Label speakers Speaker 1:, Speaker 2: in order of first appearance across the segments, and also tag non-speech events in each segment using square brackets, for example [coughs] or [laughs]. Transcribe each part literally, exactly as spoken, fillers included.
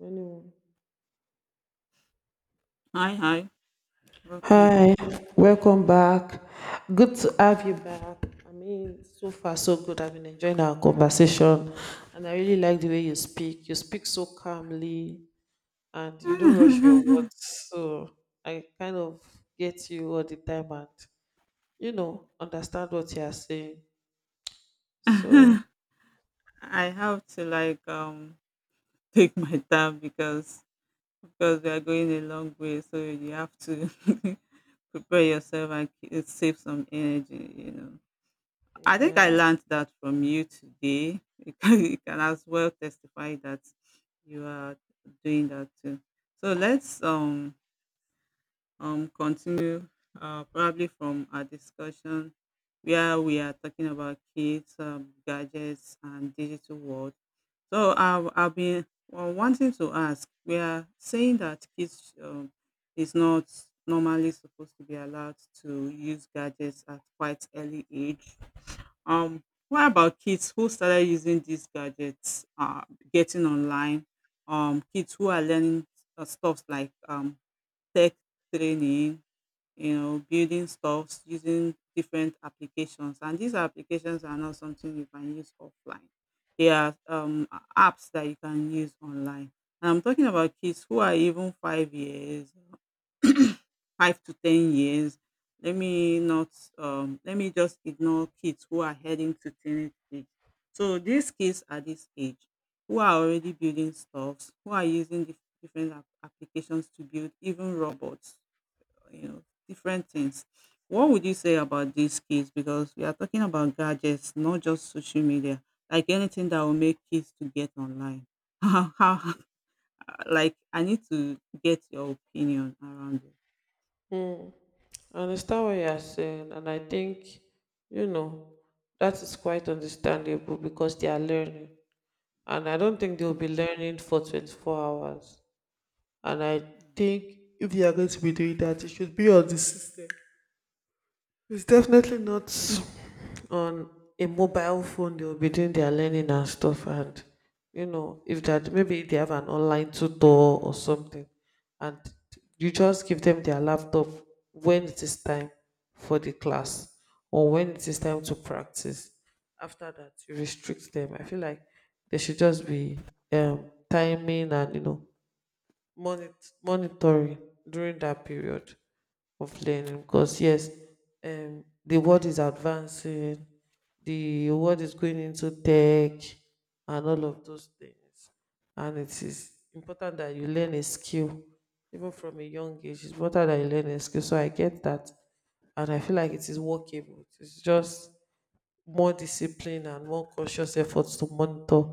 Speaker 1: Anyone?
Speaker 2: Hi, hi. Welcome back.
Speaker 1: Hi, welcome back. Good to have you back. I mean, so far so good. I've been enjoying our conversation, and I really like the way you speak. You speak so calmly, and you don't rush your
Speaker 2: [laughs]
Speaker 1: words. So I kind of get you all the time, and you know, understand what you are saying. So
Speaker 2: I have to like um take my time because because we are going a long way, so you have to [laughs] prepare yourself and k- save some energy. You know, I think I
Speaker 1: yeah,
Speaker 2: learned that from you today. [laughs] You can, you can as well testify that you are doing that too. So let's um um, continue uh, probably from our discussion where we are talking about kids, um, gadgets, and digital world. So I've, I've been uh, wanting to ask, we are saying that kids um, is not normally supposed to be allowed to use gadgets at quite early age. Um, what about kids who started using these gadgets, uh, getting online? Um, kids who are learning uh, stuff like um, tech training, you know, building stuffs using different applications. And these applications are not something you can use offline. They are um, apps that you can use online. And I'm talking about kids who are even five years, [coughs] [clears throat] five to ten years. Let me not, um, Let me just ignore kids who are heading to teenage age. So these kids at this age, who are already building stuffs, who are using dif- different app- applications to build even robots, you know, different things. What would you say about these kids? Because we are talking about gadgets, not just social media, like anything that will make kids to get online. [laughs] How, how, like, I need to get your opinion around it.
Speaker 1: I understand what you are saying, and I think you know that is quite understandable because they are learning. And I don't think they'll
Speaker 2: Hmm.
Speaker 1: be learning for twenty-four hours. And I think if they are going to be doing that, it should be on the system. It's definitely not [laughs] on a mobile phone they will be doing their learning and stuff. And you know if that maybe they have an online tutor or something, and you just give them their laptop when it is time for the class, or when it is time to practice after that you restrict them. I feel like they should just be um, timing and you know monit- monitoring during that period of learning. Because yes, um, the world is advancing, the world is going into tech and all of those things, and it is important that you learn a skill. Even from a young age it's important that you learn a skill, so I get that. And I feel like it is workable. It's just more discipline and more conscious efforts to monitor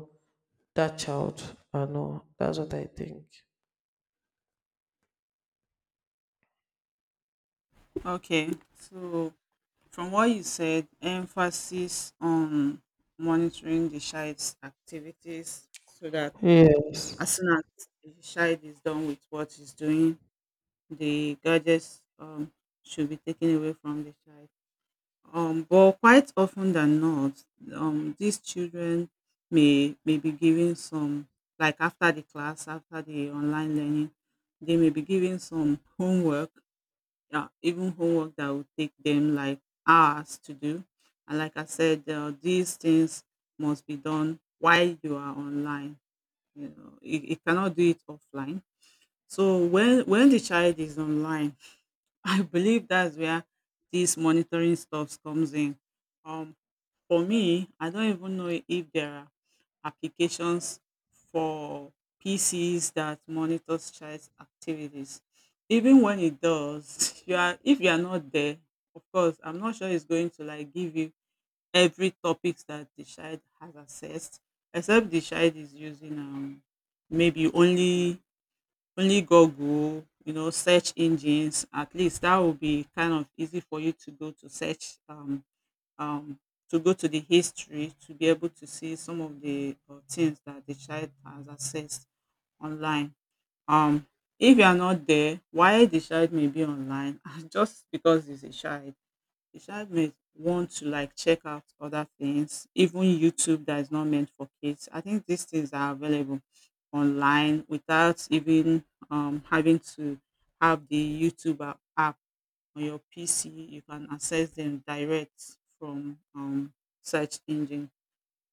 Speaker 1: that child. I know that's what I think.
Speaker 2: Okay, so from what you said, emphasis on monitoring the child's activities so that
Speaker 1: Yes.
Speaker 2: as soon as the child is done with what he's doing, the gadgets um, should be taken away from the child. Um, but quite often than not, um, these children may may be given some, like after the class, after the online learning, they may be given some homework, yeah, even homework that will take them like hours to do. And like I said, uh, these things must be done while you are online. You know, it, it cannot do it offline. So when when the child is online, [laughs] I believe that's where this monitoring stuff comes in. Um, for me, I don't even know if there are applications for P Cs that monitors child's activities. Even when it does, [laughs] you are if you are not there, of course, I'm not sure it's going to like give you every topics that the child has accessed, except the child is using um maybe only only Google, you know, search engines. At least that will be kind of easy for you to go to search um um, to go to the history to be able to see some of the uh, things that the child has accessed online. Um, if you are not there, why the child may be online, [laughs] just because he's a child, the child may want to like check out other things, even YouTube that is not meant for kids. I think these things are available online without even um, having to have the YouTube app on your P C. You can access them direct from um, search engine.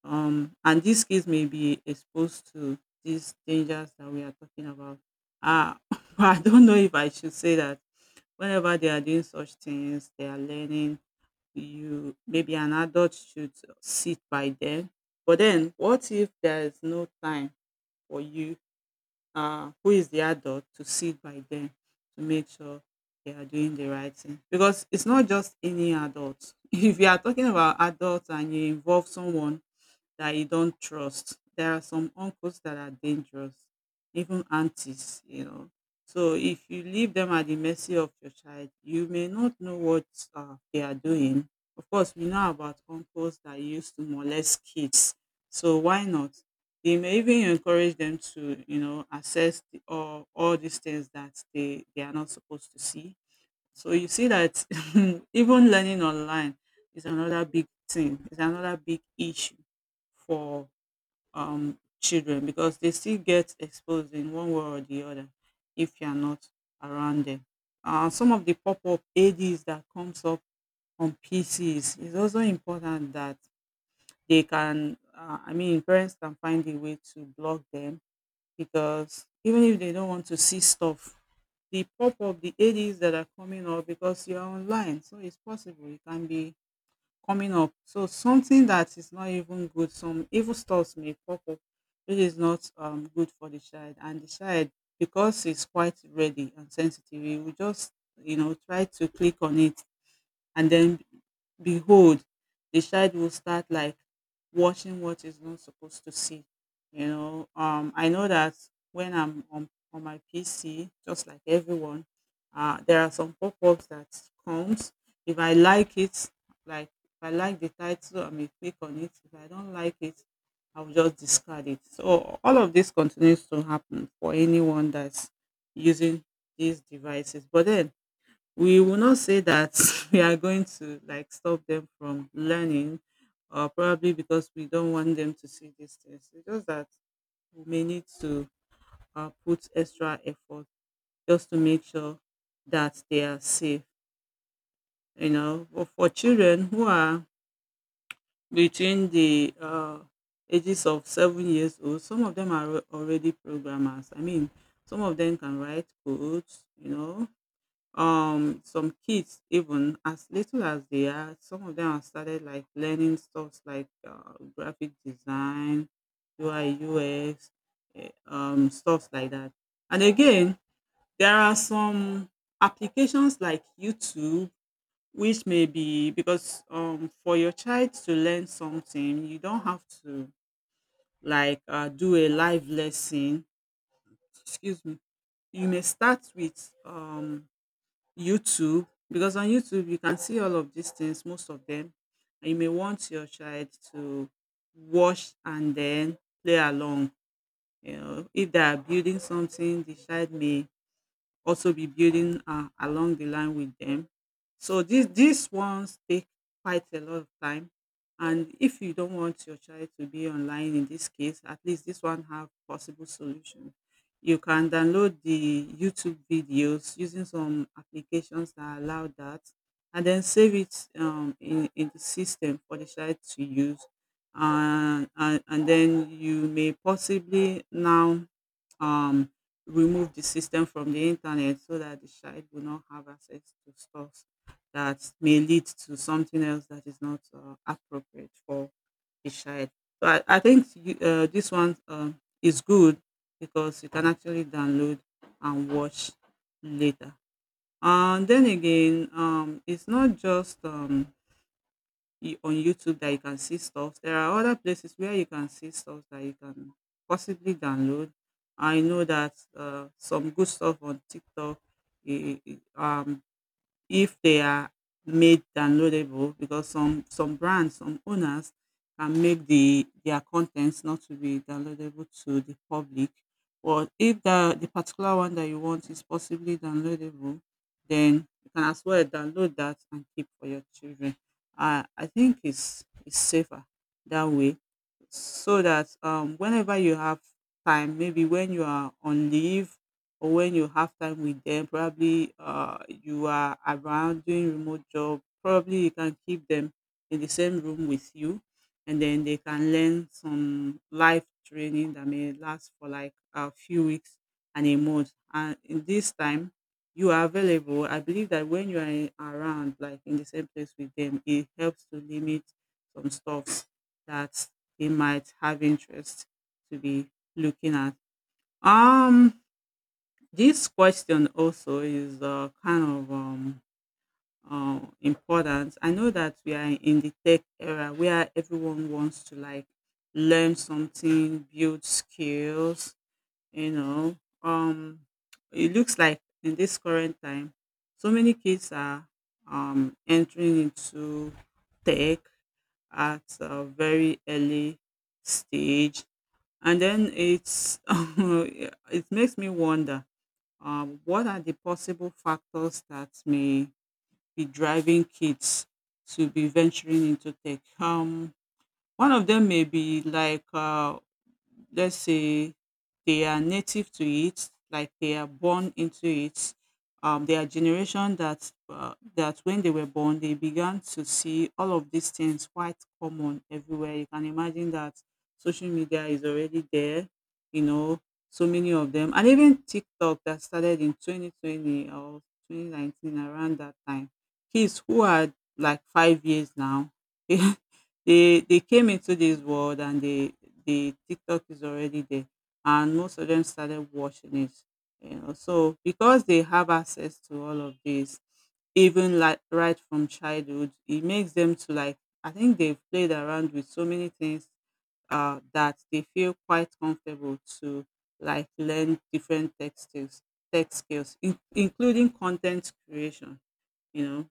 Speaker 2: Um, and these kids may be exposed to these dangers that we are talking about. Uh, [laughs] I don't know if I should say that whenever they are doing such things, they are learning. You, maybe an adult should sit by them. But then, what if there is no time for you, uh, who is the adult, to sit by them to make sure they are doing the right thing? Because it's not just any adult. [laughs] If you are talking about adults and you involve someone that you don't trust. There are some uncles that are dangerous, even aunties, you know. So if you leave them at the mercy of your child, you may not know what uh, they are doing. Of course, we know about uncles that used to molest kids. So why not? They may even encourage them to, you know, assess the, all, all these things that they, they are not supposed to see. So you see that [laughs] even learning online is another big thing, is another big issue for um, children, because they still get exposed in one way or the other if you are not around them. Uh, some of the pop-up ads that comes up on P Cs, is also important that they can, uh, I mean, parents can find a way to block them, because even if they don't want to see stuff, the pop-up, the ads that are coming up because you're online. So it's possible it can be coming up. So something that is not even good, some evil stuffs may pop up, which is not um, good for the child. And the child, because it's quite ready and sensitive, we will just, you know, try to click on it, and then behold, the child will start like watching what is not supposed to see. You know, um I know that when I'm on, on my PC, just like everyone, uh there are some pop-ups that comes, if I like it, like if I like the title I may click on it, if I don't like it I'll just discard it. So all of this continues to happen for anyone that's using these devices. But then, we will not say that [laughs] we are going to like stop them from learning, or probably because we don't want them to see these things. It's just that we may need to uh, put extra effort just to make sure that they are safe. You know, but for children who are between the uh, ages of seven years old, some of them are already programmers. I mean, some of them can write codes, you know. Um some kids, even as little as they are, some of them have started like learning stuffs like, uh, graphic design, U I U X, eh, um stuff like that. And again, there are some applications like YouTube, which may be, because um for your child to learn something you don't have to like uh, do a live lesson. Excuse me. You may start with um YouTube, because on YouTube you can see all of these things, most of them, and you may want your child to watch and then play along. You know, if they are building something, the child may also be building uh, along the line with them. So these these ones take quite a lot of time, and if you don't want your child to be online in this case, at least this one have possible solutions. You can download the YouTube videos using some applications that allow that, and then save it um, in in the system for the child to use. And, and and then you may possibly now um remove the system from the internet, so that the child will not have access to stuff that may lead to something else that is not uh, appropriate for the child. So I, I think you, uh, this one uh, is good, because you can actually download and watch later. And then again, um, it's not just um, you- on YouTube that you can see stuff. There are other places where you can see stuff that you can possibly download. I know that uh, some good stuff on TikTok, eh, eh, eh, um, if they are made downloadable. Because some some brands, some owners can make the their contents not to be downloadable to the public. But if the the particular one that you want is possibly downloadable, then you can as well download that and keep for your children. Uh, I think it's it's safer that way, so that um, whenever you have time, maybe when you are on leave or when you have time with them, probably uh, you are around doing remote job, probably you can keep them in the same room with you, and then they can learn some life training that may last for like a few weeks and a month. And in this time, you are available. I believe that when you are in- around, like in the same place with them, it helps to limit some stuffs that they might have interest to be looking at. Um, this question also is uh, kind of um, uh, important. I know that we are in the tech era where everyone wants to like learn something, build skills, you know. Um, it looks like in this current time, so many kids are um, entering into tech at a very early stage. And then it's [laughs] it makes me wonder um, what are the possible factors that may be driving kids to be venturing into tech. Um, one of them may be like, uh, let's say they are native to it, like they are born into it. Um, they are generation that uh, that when they were born, they began to see all of these things quite common everywhere. You can imagine that social media is already there, you know, so many of them, and even TikTok that started in twenty twenty or twenty nineteen around that time. Kids who are like five years now, [laughs] they they came into this world, and they the TikTok is already there, and most of them started watching it. You know, so because they have access to all of this, even like right from childhood, it makes them to like. I think they've played around with so many things uh, that they feel quite comfortable to like learn different tech skills, tech skills, in- including content creation. You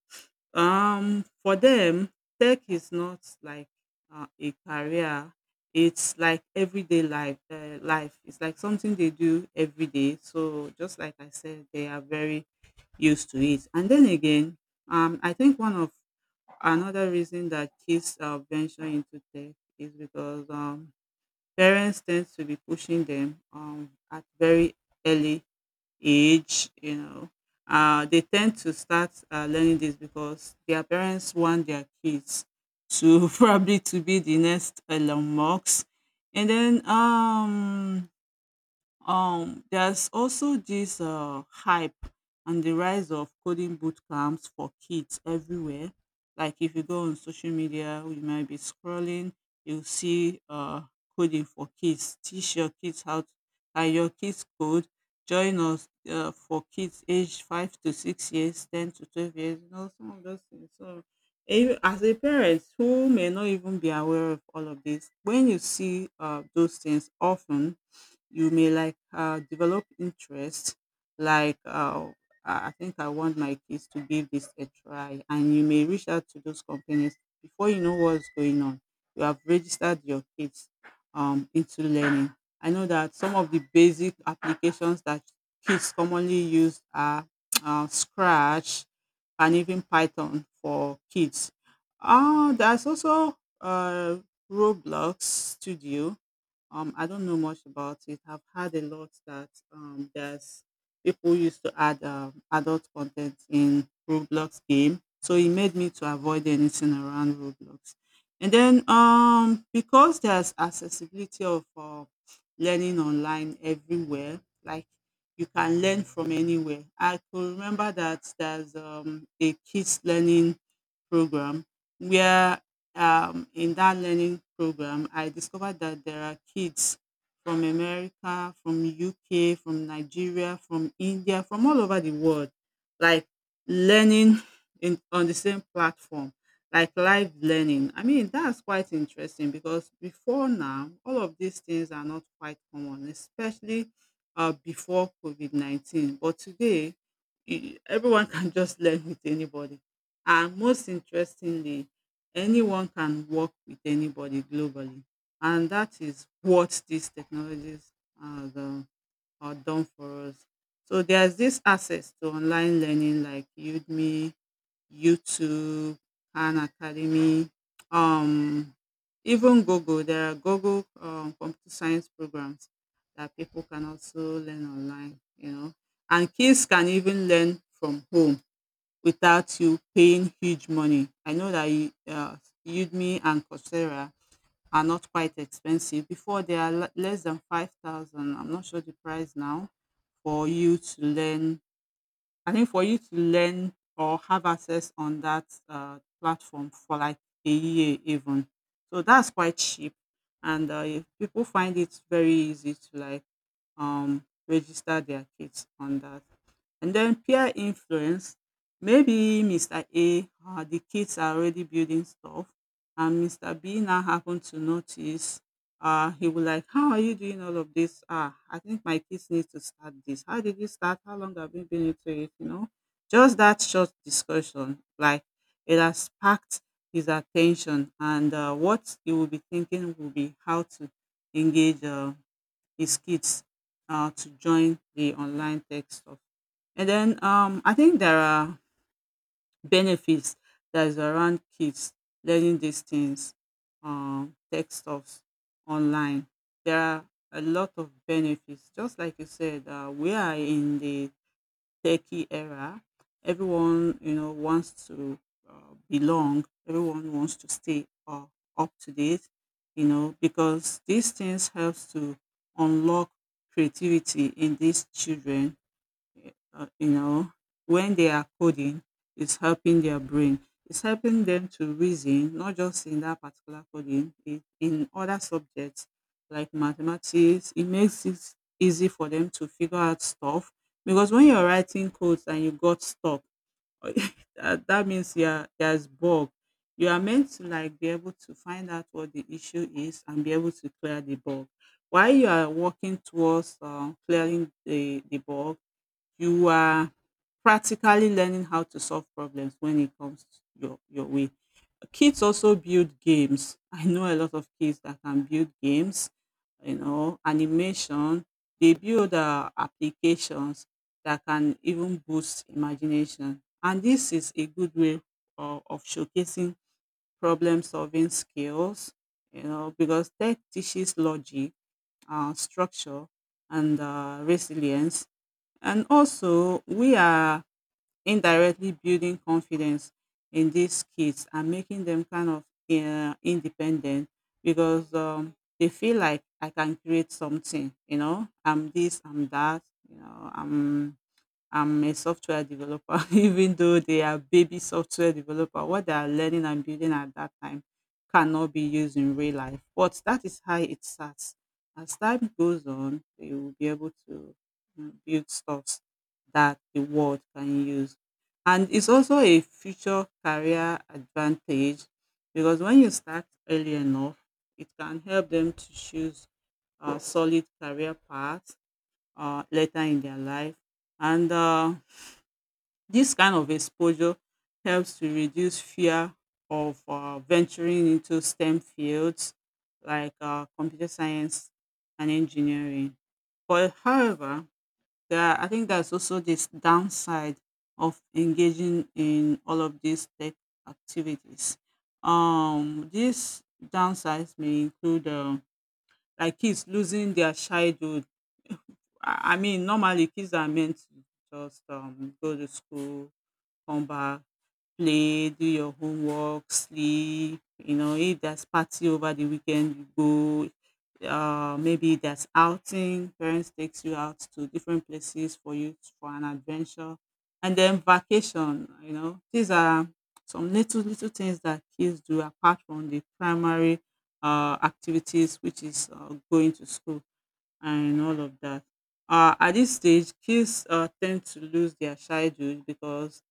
Speaker 2: know, um, for them, tech is not like uh, a career. It's like everyday life. Uh, life. It's like something they do every day. So just like I said, they are very used to it. And then again, um, I think one of another reason that kids uh, venture into tech is because um, parents tend to be pushing them um, at very early age, you know, uh, they tend to start uh, learning this because their parents want their kids to [laughs] probably to be the next Elon Musk. And then um Um, there's also this uh, hype and the rise of coding boot camps for kids everywhere. Like if you go on social media, you might be scrolling, you'll see uh, coding for kids. Teach your kids how to, and your kids code. Join us uh, for kids aged five to six years, ten to twelve years. You know, some of those things. So, eh, as a parent who may not even be aware of all of this, when you see uh, those things often, you may like uh, develop interest, like uh, I I think I want my kids to give this a try, and you may reach out to those companies before you know what's going on. You have registered your kids um, into learning. I know that some of the basic applications that kids commonly use are [tsk] uh, Scratch and even Python for kids. Uh, there's also uh, Roblox Studio. um, I don't know much about it. I've had a lot that um, there's people used to add um, adult content in Roblox game, so it made me to avoid anything around Roblox. And then um, because there's accessibility of uh, learning online everywhere, like you can learn from anywhere. I could remember that there's um, a kids learning program where, um, in that learning program, I discovered that there are kids from America, from U K, from Nigeria, from India, from all over the world, like learning in, on the same platform, like live learning. I mean, that's quite interesting because before now, all of these things are not quite common, especially uh, before COVID nineteen. But today, e- everyone [laughs] can just learn with anybody, and most interestingly, anyone can work with anybody globally. And that is what these technologies are, the, are done for us. So there's this access to online learning like Udemy, YouTube, Khan Academy, um, even Google. There are Google um, computer science programs that people can also learn online, you know. And kids can even learn from home without you paying huge money. I know that you, uh, Udemy and Coursera are not quite expensive. Before they are le- less than five thousand. I'm not sure the price now for you to learn. I think for you to learn or have access on that uh, platform for like a year even. So that's quite cheap, and uh, if people find it very easy to like um, register their kids on that. And then peer influence, maybe Mister A, uh, the kids are already building stuff, and Mister B now happened to notice uh, he was like, "How are you doing all of this? Ah, I think my kids need to start this. How did you start? How long have you been into it?" You know, just that short discussion, like it has sparked his attention, and uh, what he will be thinking will be how to engage uh, his kids uh, to join the online tech stuff. And then um, I think there are benefits that is around kids learning these things, um, tech stuffs online. There are a lot of benefits. Just like you said, uh, we are in the techie era, everyone you know wants to uh, belong. Everyone wants to stay uh, up to date, you know, because these things helps to unlock creativity in these children. Uh, you know, when they are coding, it's helping their brain. It's helping them to reason, not just in that particular coding, it, in other subjects like mathematics. It makes it easy for them to figure out stuff because when you're writing codes and you got stuck, [laughs] that, that means you're, there's bug. You are meant to like be able to find out what the issue is and be able to clear the bug. While you are working towards uh, clearing the, the bug, you are practically learning how to solve problems when it comes your your way. Kids also build games. [laughs] I know a lot of kids that can build games, you know, animation. They build uh, applications that can even boost imagination. And this is a good way of, of showcasing problem solving skills, you know, because tech teaches logic, uh, structure, and uh, resilience. And also, we are indirectly building confidence in these kids and making them kind of uh, independent because um, they feel like, "I can create something, you know, I'm this, I'm that, you know, I'm I'm a software developer," [laughs] even though they are baby software developer. What they are learning and building at that time cannot be used in real life. But that is how it starts. As time goes on, they will be able to mm, build stuff that the world can use. And it's also a future career advantage because when you start early enough, it can help them to choose a solid career path uh, later in their life. And uh, this kind of exposure helps to reduce fear of uh, venturing into STEM fields like uh, computer science and engineering. But however, there are, I think there's also this downside of engaging in all of these tech activities. Um, these downsides may include um, like kids losing their childhood. I I mean, normally kids are meant to just um, go to school, come back, play, do your homework, sleep. You know, if there's party over the weekend, you go. Uh, maybe there's outing. Parents takes you out to different places for you for an adventure, and then vacation. You know, these are some little little things that kids do apart from the primary uh, activities, which is uh, going to school and all of that. Uh, at this stage, kids uh, tend to lose their shy juice because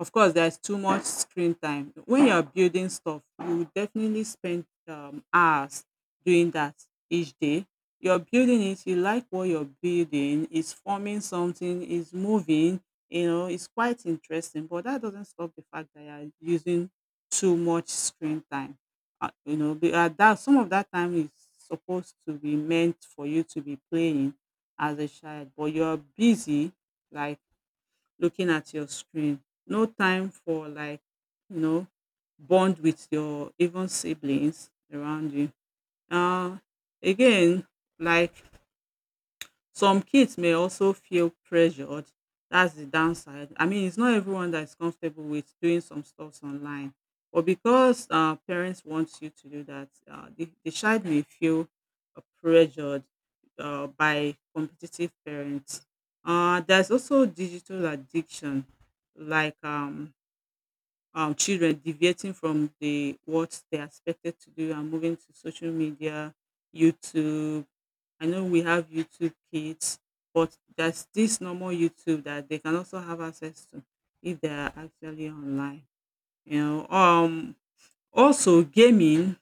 Speaker 2: of course, there's too much screen time. When you're building stuff, you definitely spend um, hours doing that each day. You're building it, you like what you're building, it's forming something, it's moving, you know, it's quite interesting. But that doesn't stop the fact that you're using too much screen time. Uh, you know, be- uh, that some of that time is supposed to be meant for you to be playing as a child, but you're busy like looking at your screen. No time for like, you know, bond with your even siblings around you. Uh, Again, like some kids may also feel pressured. That's the downside. I mean, it's not everyone that is comfortable with doing some stuffs online. But because uh, parents want you to do that, uh, the, the child may feel uh, pressured uh, by competitive parents. Uh, there's also digital addiction, like um, um, children deviating from the what they are expected to do and moving to social media, YouTube. I know we have YouTube Kids, but there's this normal YouTube that they can also have access to if they are actually online. You know, um, also gaming.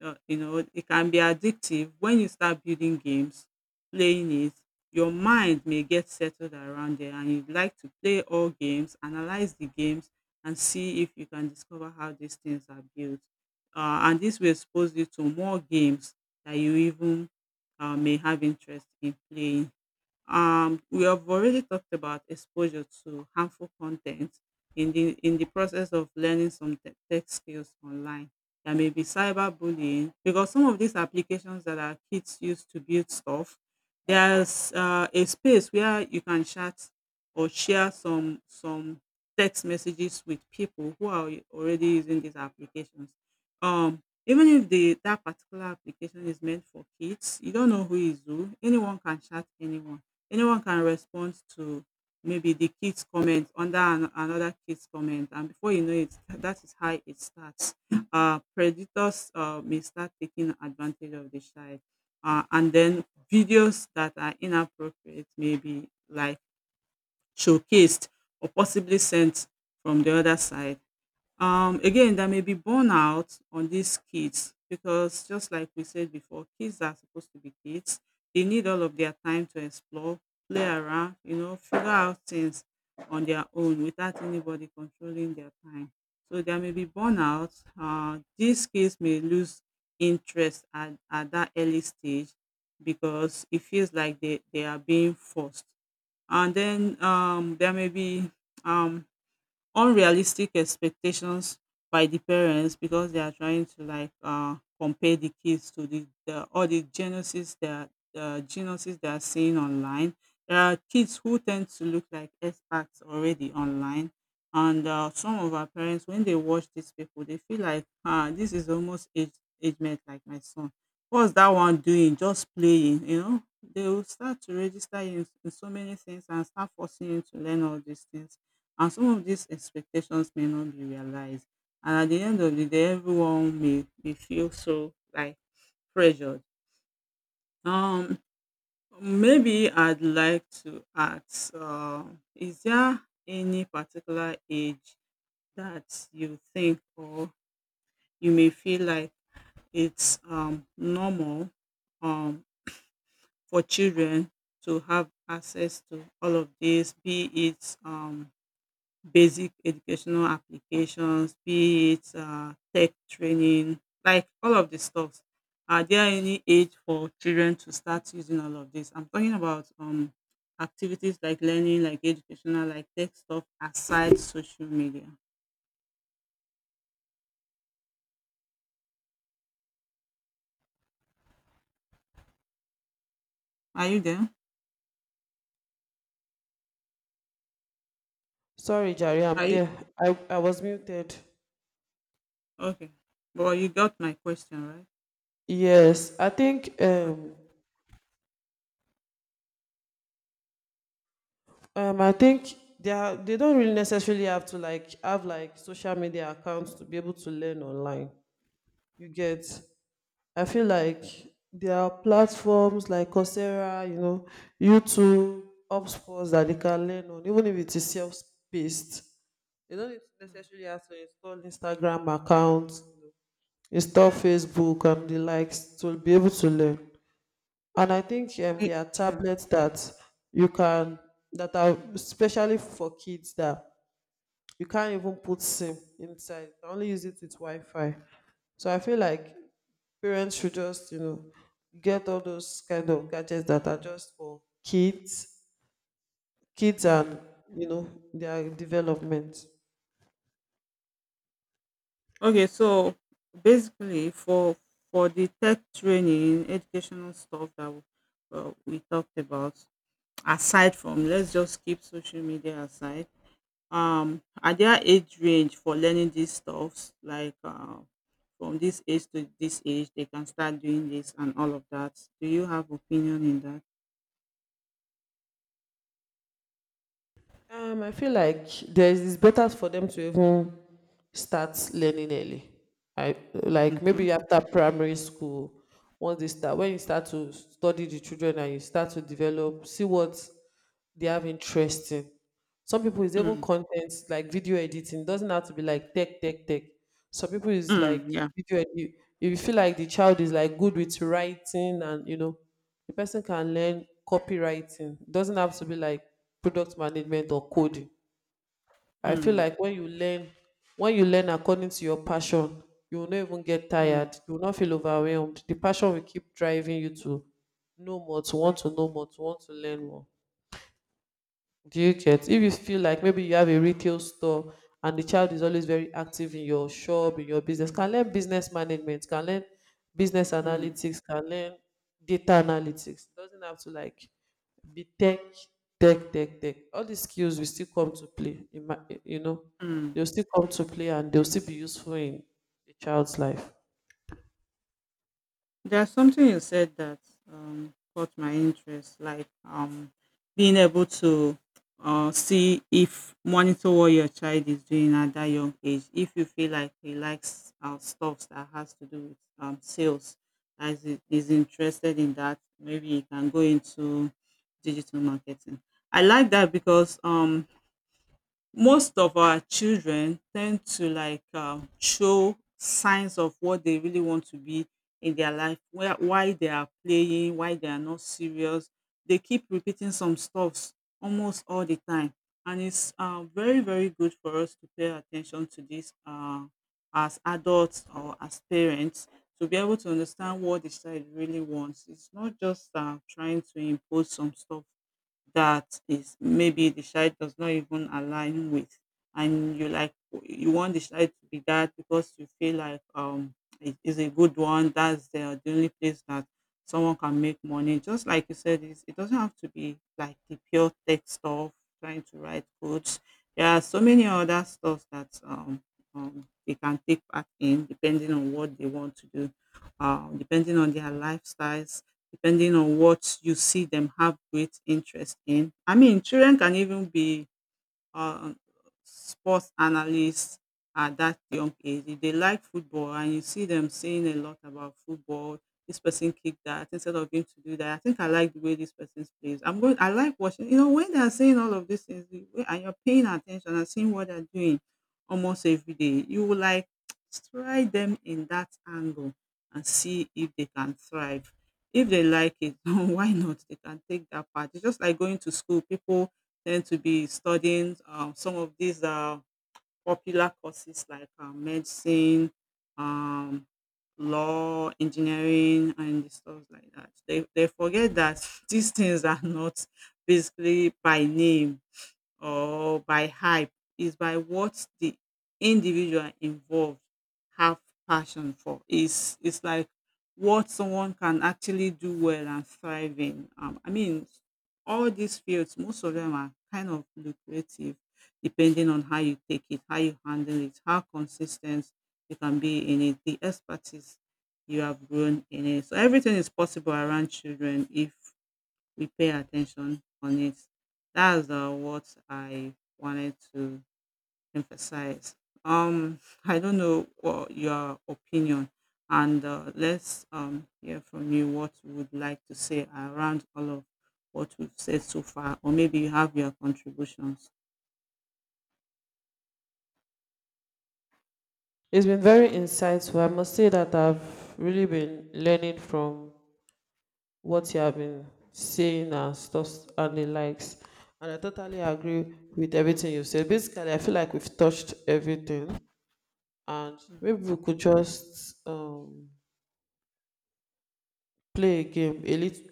Speaker 2: Uh, you know, it can be addictive when you start building games, playing it. Your mind may get settled around there, and you'd like to play all games, analyze the games, and see if you can discover how these things are built. Uh, and this will expose you to more games that you even uh, may have interest in playing. Um, we have already talked about exposure to harmful content in the in the process of learning some te- tech skills online. There may be cyberbullying because some of these applications that our kids use to build stuff, there's uh, a space where you can chat or share some some text messages with people who are already using these applications. Um, Even if the that particular application is meant for kids, you don't know who is who. Anyone can chat anyone. Anyone can respond to maybe the kid's comment under an, another kid's comment, and before you know it, that is how it starts. Uh, predators uh, may start taking advantage of the child, uh, and then videos that are inappropriate may be like showcased or possibly sent from the other side. Um, again, there may be burnout on these kids because, just like we said before, kids are supposed to be kids. They need all of their time to explore, play around, you know, figure out things on their own without anybody controlling their time. So there may be burnout. Uh, these kids may lose interest at, at that early stage because it feels like they, they are being forced. And then um, there may be um, unrealistic expectations by the parents because they are trying to like uh, compare the kids to the, the all the genesis that the genesis they are seeing online. There are kids who tend to look like experts already online, and uh, some of our parents, when they watch these people, they feel like, ah, this is almost age age mate like my son. What's that one doing? Just playing, you know. They will start to register you in, in so many things and start forcing you to learn all these things, and some of these expectations may not be realized, and at the end of the day everyone may, may feel so like pressured. um Maybe I'd like to ask, um is there any particular age that you think, or you may feel like it's um normal, um for children to have access to all of this, be it um basic educational applications, be it uh, tech training, like all of the stuff. Are there any age for children to start using all of this? I'm talking about um activities like learning, like educational, like tech stuff aside social media. Are you there?
Speaker 1: Sorry, Jari, I'm
Speaker 2: Are you
Speaker 1: there. I, I was muted.
Speaker 2: okay? Well, you got my question, right?
Speaker 1: Yes, I think
Speaker 2: Okay.
Speaker 1: um, um, I think they are, they don't really necessarily have to like have like social media accounts to be able to learn online. You get? I feel like
Speaker 2: Mm.
Speaker 1: there are platforms like Coursera, you know, YouTube, HubSpot that they can learn on, even if it is self-paced. They don't
Speaker 2: Mm.
Speaker 1: necessarily have to install Instagram accounts, install Facebook and the likes to be able to learn. And I think um,
Speaker 2: I,
Speaker 1: there are
Speaker 2: yeah.
Speaker 1: tablets that you can, that are especially for kids, that you can't even put SIM inside. You can only use it with Wi-Fi. So I feel like parents should just you know get all those kind of gadgets that are just for kids, kids
Speaker 2: Hmm.
Speaker 1: and you know their development.
Speaker 2: Okay, so basically for for the tech training, educational stuff that we, uh, we talked about, aside from, let's just keep social media aside. Um, are there age range for learning these stuffs? Like uh, from this age to this age, they can start doing this and all of that. Do you have opinion in that?
Speaker 1: Um, I feel like there is, it's better for them to even start learning early. I like
Speaker 2: Okay.
Speaker 1: maybe after primary school, once they start, when you start to study the children and you start to develop, see what they have interest in. Some people is even
Speaker 2: Hmm.
Speaker 1: content like video editing. Doesn't have to be like tech, tech, tech. Some people is like
Speaker 2: Hmm. Yeah.
Speaker 1: video edit. If you feel like the child is like good with writing and you know, the person can learn copywriting. Doesn't have to be like product management or coding. I feel
Speaker 2: Hmm.
Speaker 1: like when you learn, when you learn according to your passion, you will not even get
Speaker 2: Hmm.
Speaker 1: tired. You will not feel overwhelmed. The passion will keep driving you to know more, to want to know more, to want to learn more. Do you get? If you feel like maybe you have a retail store and the child is always very active in your shop, in your business, can learn business management, can learn business
Speaker 2: Hmm.
Speaker 1: analytics, can learn data analytics. Doesn't have to like be tech, tech, tech, tech. All these skills will still come to play. In my, you know,
Speaker 2: Hmm.
Speaker 1: they'll still come to play and they'll still be useful in the child's life.
Speaker 2: There's something you said that um, caught my interest, like um, being able to uh, see if monitor what your child is doing at that young age. If you feel like he likes uh, stuff that has to do with um, sales, as he is interested in that, maybe he can go into digital marketing. I like that because um, most of our children tend to like um show signs of what they really want to be in their life, where why they are playing, why they are not serious. They keep repeating some stuffs almost all the time. And it's uh, very, very good for us to pay attention to this, uh, as adults or as parents, to be able to understand what the child really wants. It's not just uh, trying to impose some stuff that is, maybe the child does not even align with, and you like, you want the child to be that because you feel like um it is a good one, that's the, the only place that someone can make money, just like you said, it's, it doesn't have to be like the pure tech stuff trying to write codes. There are so many other stuff that um, um they can take part in, depending on what they want to do, uh depending on their lifestyles, depending on what you see them have great interest in. I mean, children can even be um sports analysts at that young age. If they like football and you see them saying a lot about football, this person kicked that instead of him to do that. I think I like the way this person plays. I'm going I like watching, you know, when they're saying all of these things the way- and you're paying attention and seeing what they're doing almost every day, you will like [tsk] try them in that angle and see if they can thrive. If they like it, [laughs] why not? They can take that part. It's just like going to school. People tend to be studying um, some of these uh, popular courses like uh, medicine, um, law, engineering, and stuff like that. They, they forget that [laughs] these things are not basically by name or by hype, is by what the individual involved have passion for is it's it's like what someone can actually do well and thrive in. um, I mean, all these fields, most of them are kind of lucrative, depending on how you take it, how you handle it, how consistent you can be in it, the expertise you have grown in it. So everything is possible around children if we pay attention on it. That's uh, what I wanted to emphasize. Um, [laughs] I don't know what your opinion, and uh, let's um, hear from you what you would like to say around all of what we've said so far, or maybe you have your contributions.
Speaker 1: It's been very insightful. I must say that I've really been learning from what you have been saying and stuff and the likes. And I totally agree with everything you said. Basically, I feel like we've touched everything, and
Speaker 2: Mm.
Speaker 1: maybe we could just um, play a game a little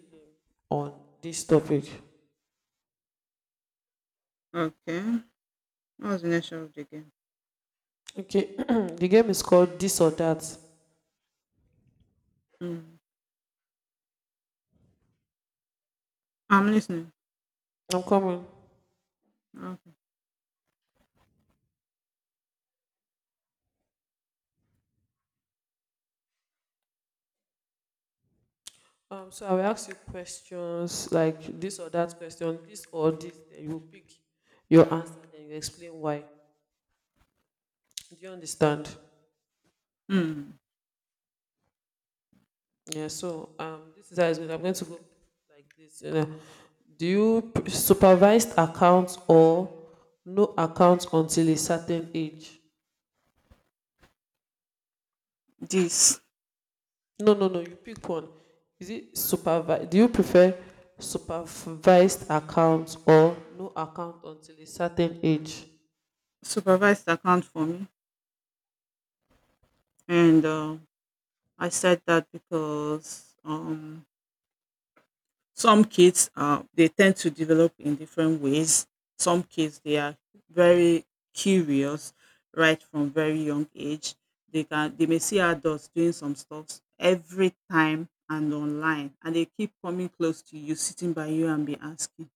Speaker 1: on this topic.
Speaker 2: Okay, what was the nature of the game?
Speaker 1: Okay, [clears throat] the game is called This or That.
Speaker 2: Mm. I'm listening.
Speaker 1: I'm coming.
Speaker 2: Okay.
Speaker 1: Um, so I will ask you questions like this or that question, this or this. Then you pick your answer and you explain why. Do you understand?
Speaker 2: Mm.
Speaker 1: Yeah, so um, this is how it's going. I'm going to go like this. You know. Do you p- supervised accounts or no accounts until a certain age?
Speaker 2: This.
Speaker 1: No, no, no. You pick one. Is it supervised? Do you prefer supervised accounts or no account until a certain age?
Speaker 2: Supervised account for me, and uh, I said that because um, some kids, uh, they tend to develop in different ways. Some kids, they are very curious right from very young age. They can they may see adults doing some stuff every time and online, and they keep coming close to you, sitting by you, and be asking,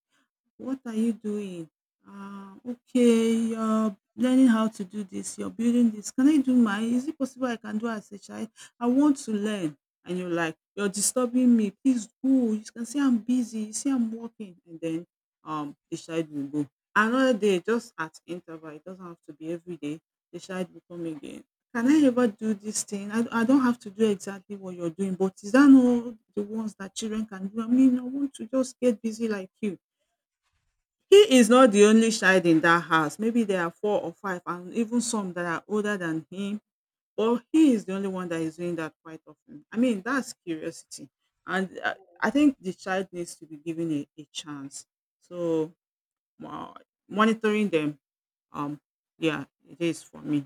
Speaker 2: what are you doing? Ah, okay, you're learning how to do this, you're building this. Can I do mine? Is it possible I can do as a child? I want to learn. And you're like, you're disturbing me. Please go. You can see I'm busy. You see I'm working. And then um the child will go. Another day, just at interval, it doesn't have to be every day, the child will come again. Can I ever do this thing? I, I don't have to do exactly what you're doing, but is that not the ones that children can do? I mean, I want to just get busy like you. He is not the only child in that house. Maybe there are four or five and even some that are older than him, but he is the only one that is doing that quite often. I mean, that's curiosity. And I I think the child needs to be given a, a chance. So, mo- monitoring them, um, yeah, it is for me.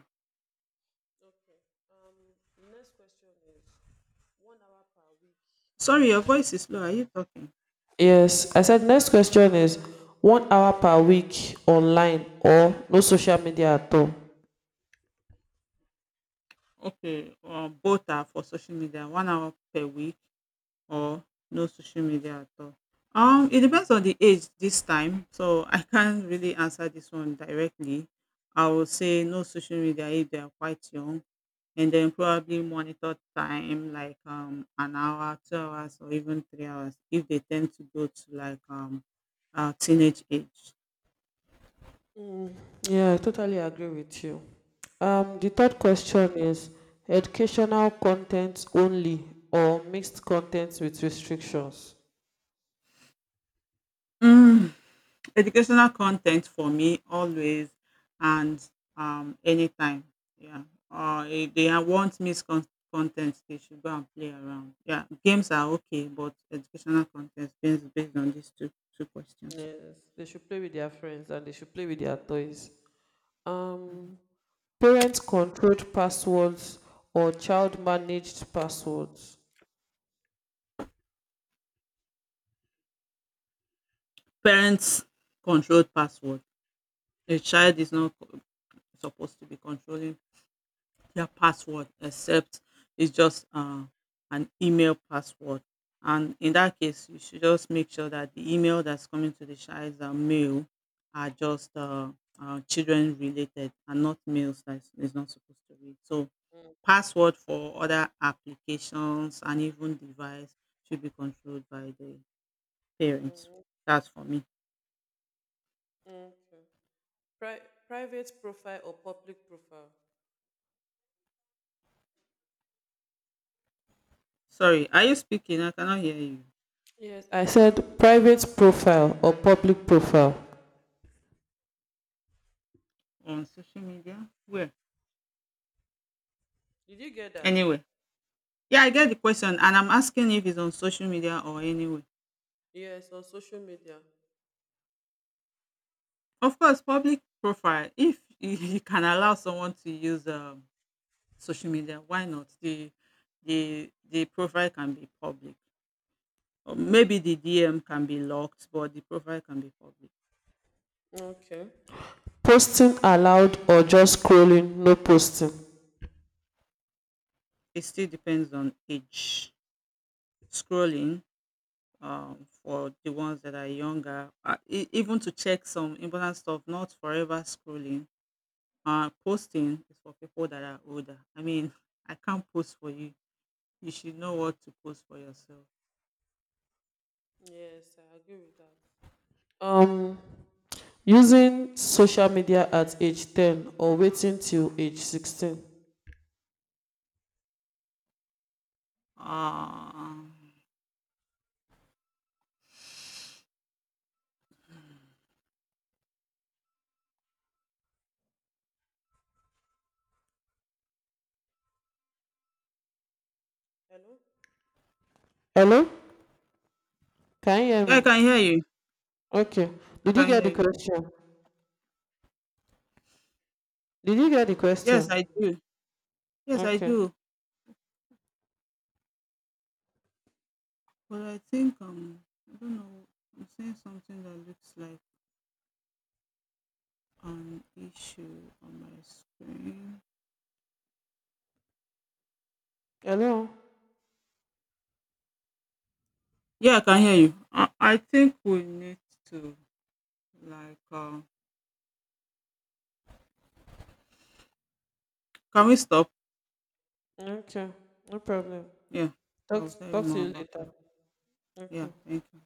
Speaker 1: Um, next question is one hour per week
Speaker 2: Sorry, your
Speaker 1: online.
Speaker 2: voice is low. Are you talking?
Speaker 1: Yes, I said next question is one hour per week online or no social media at all.
Speaker 2: Okay, um, both are for social media, one hour per week, or no social media at all? Um, it depends on the age this time, so I can't really answer this one directly. I will say no social media if they are quite young, and then probably monitor time like um an hour, two hours, or even three hours if they tend to go to like um uh, teenage age.
Speaker 1: Yeah, I totally agree with you. Um, the third question is educational content only or mixed content with restrictions.
Speaker 2: Mm. Educational content for me always, and um anytime. Yeah. Or if they are- want miscon content, they should go and play around. Yeah. Games are okay, but educational content based based on these two two questions.
Speaker 1: Yes, they should play with their friends and they should play with their toys. Um, parents controlled passwords or child managed passwords.
Speaker 2: Parents controlled password. A child is not co- supposed to be controlling their password, except it's just uh, an email password. And in that case, you should just make sure that the email that's coming to the child's uh, mail are just uh, uh, children related, and not mails that is not supposed to read. So password for other applications, and even device, should be controlled by the parents.
Speaker 1: Mm,
Speaker 2: That's for me.
Speaker 1: mm. Pri- private profile or public profile.
Speaker 2: Sorry, are you speaking? I cannot hear you.
Speaker 1: Yes, I said private profile or public profile.
Speaker 2: On social media? Where?
Speaker 1: Did you get that?
Speaker 2: Anyway. Yeah, I get the question, and I'm asking if it's on social media or anywhere.
Speaker 1: Yes, on social media.
Speaker 2: Of course, public profile, if [laughs] you can allow someone to use um, social media, why not? The, the, the profile can be public. Or maybe the D M can be locked, but the profile can be public.
Speaker 1: Okay. Posting allowed or just scrolling, no posting?
Speaker 2: It still depends on age. Scrolling um, for the ones that are younger, uh, e- even to check some important stuff, not forever scrolling. Uh, posting is for people that are older. I mean, [laughs] I can't post for you. You should know what to post for yourself.
Speaker 1: Yes, I agree with that. Um, using social media at age ten or waiting till age sixteen.
Speaker 2: Um,
Speaker 1: Hello? Can you hear
Speaker 2: yeah, I
Speaker 1: me?
Speaker 2: can hear you.
Speaker 1: Okay.
Speaker 2: I
Speaker 1: Did you
Speaker 2: can
Speaker 1: get
Speaker 2: hear
Speaker 1: the
Speaker 2: you.
Speaker 1: question? Did you get the question?
Speaker 2: Yes, I do. Yes, I
Speaker 1: Okay.
Speaker 2: do. But I think um, I don't know. I'm seeing something that looks like an issue on my screen.
Speaker 1: Hello?
Speaker 2: Yeah, I can hear you. I, I think we need to like um. Can we stop?
Speaker 1: Okay. No problem.
Speaker 2: Yeah,
Speaker 1: Talk,
Speaker 2: I'll tell you
Speaker 1: talk to
Speaker 2: more
Speaker 1: you
Speaker 2: about that.
Speaker 1: later.
Speaker 2: Yeah,
Speaker 1: Okay.
Speaker 2: thank you.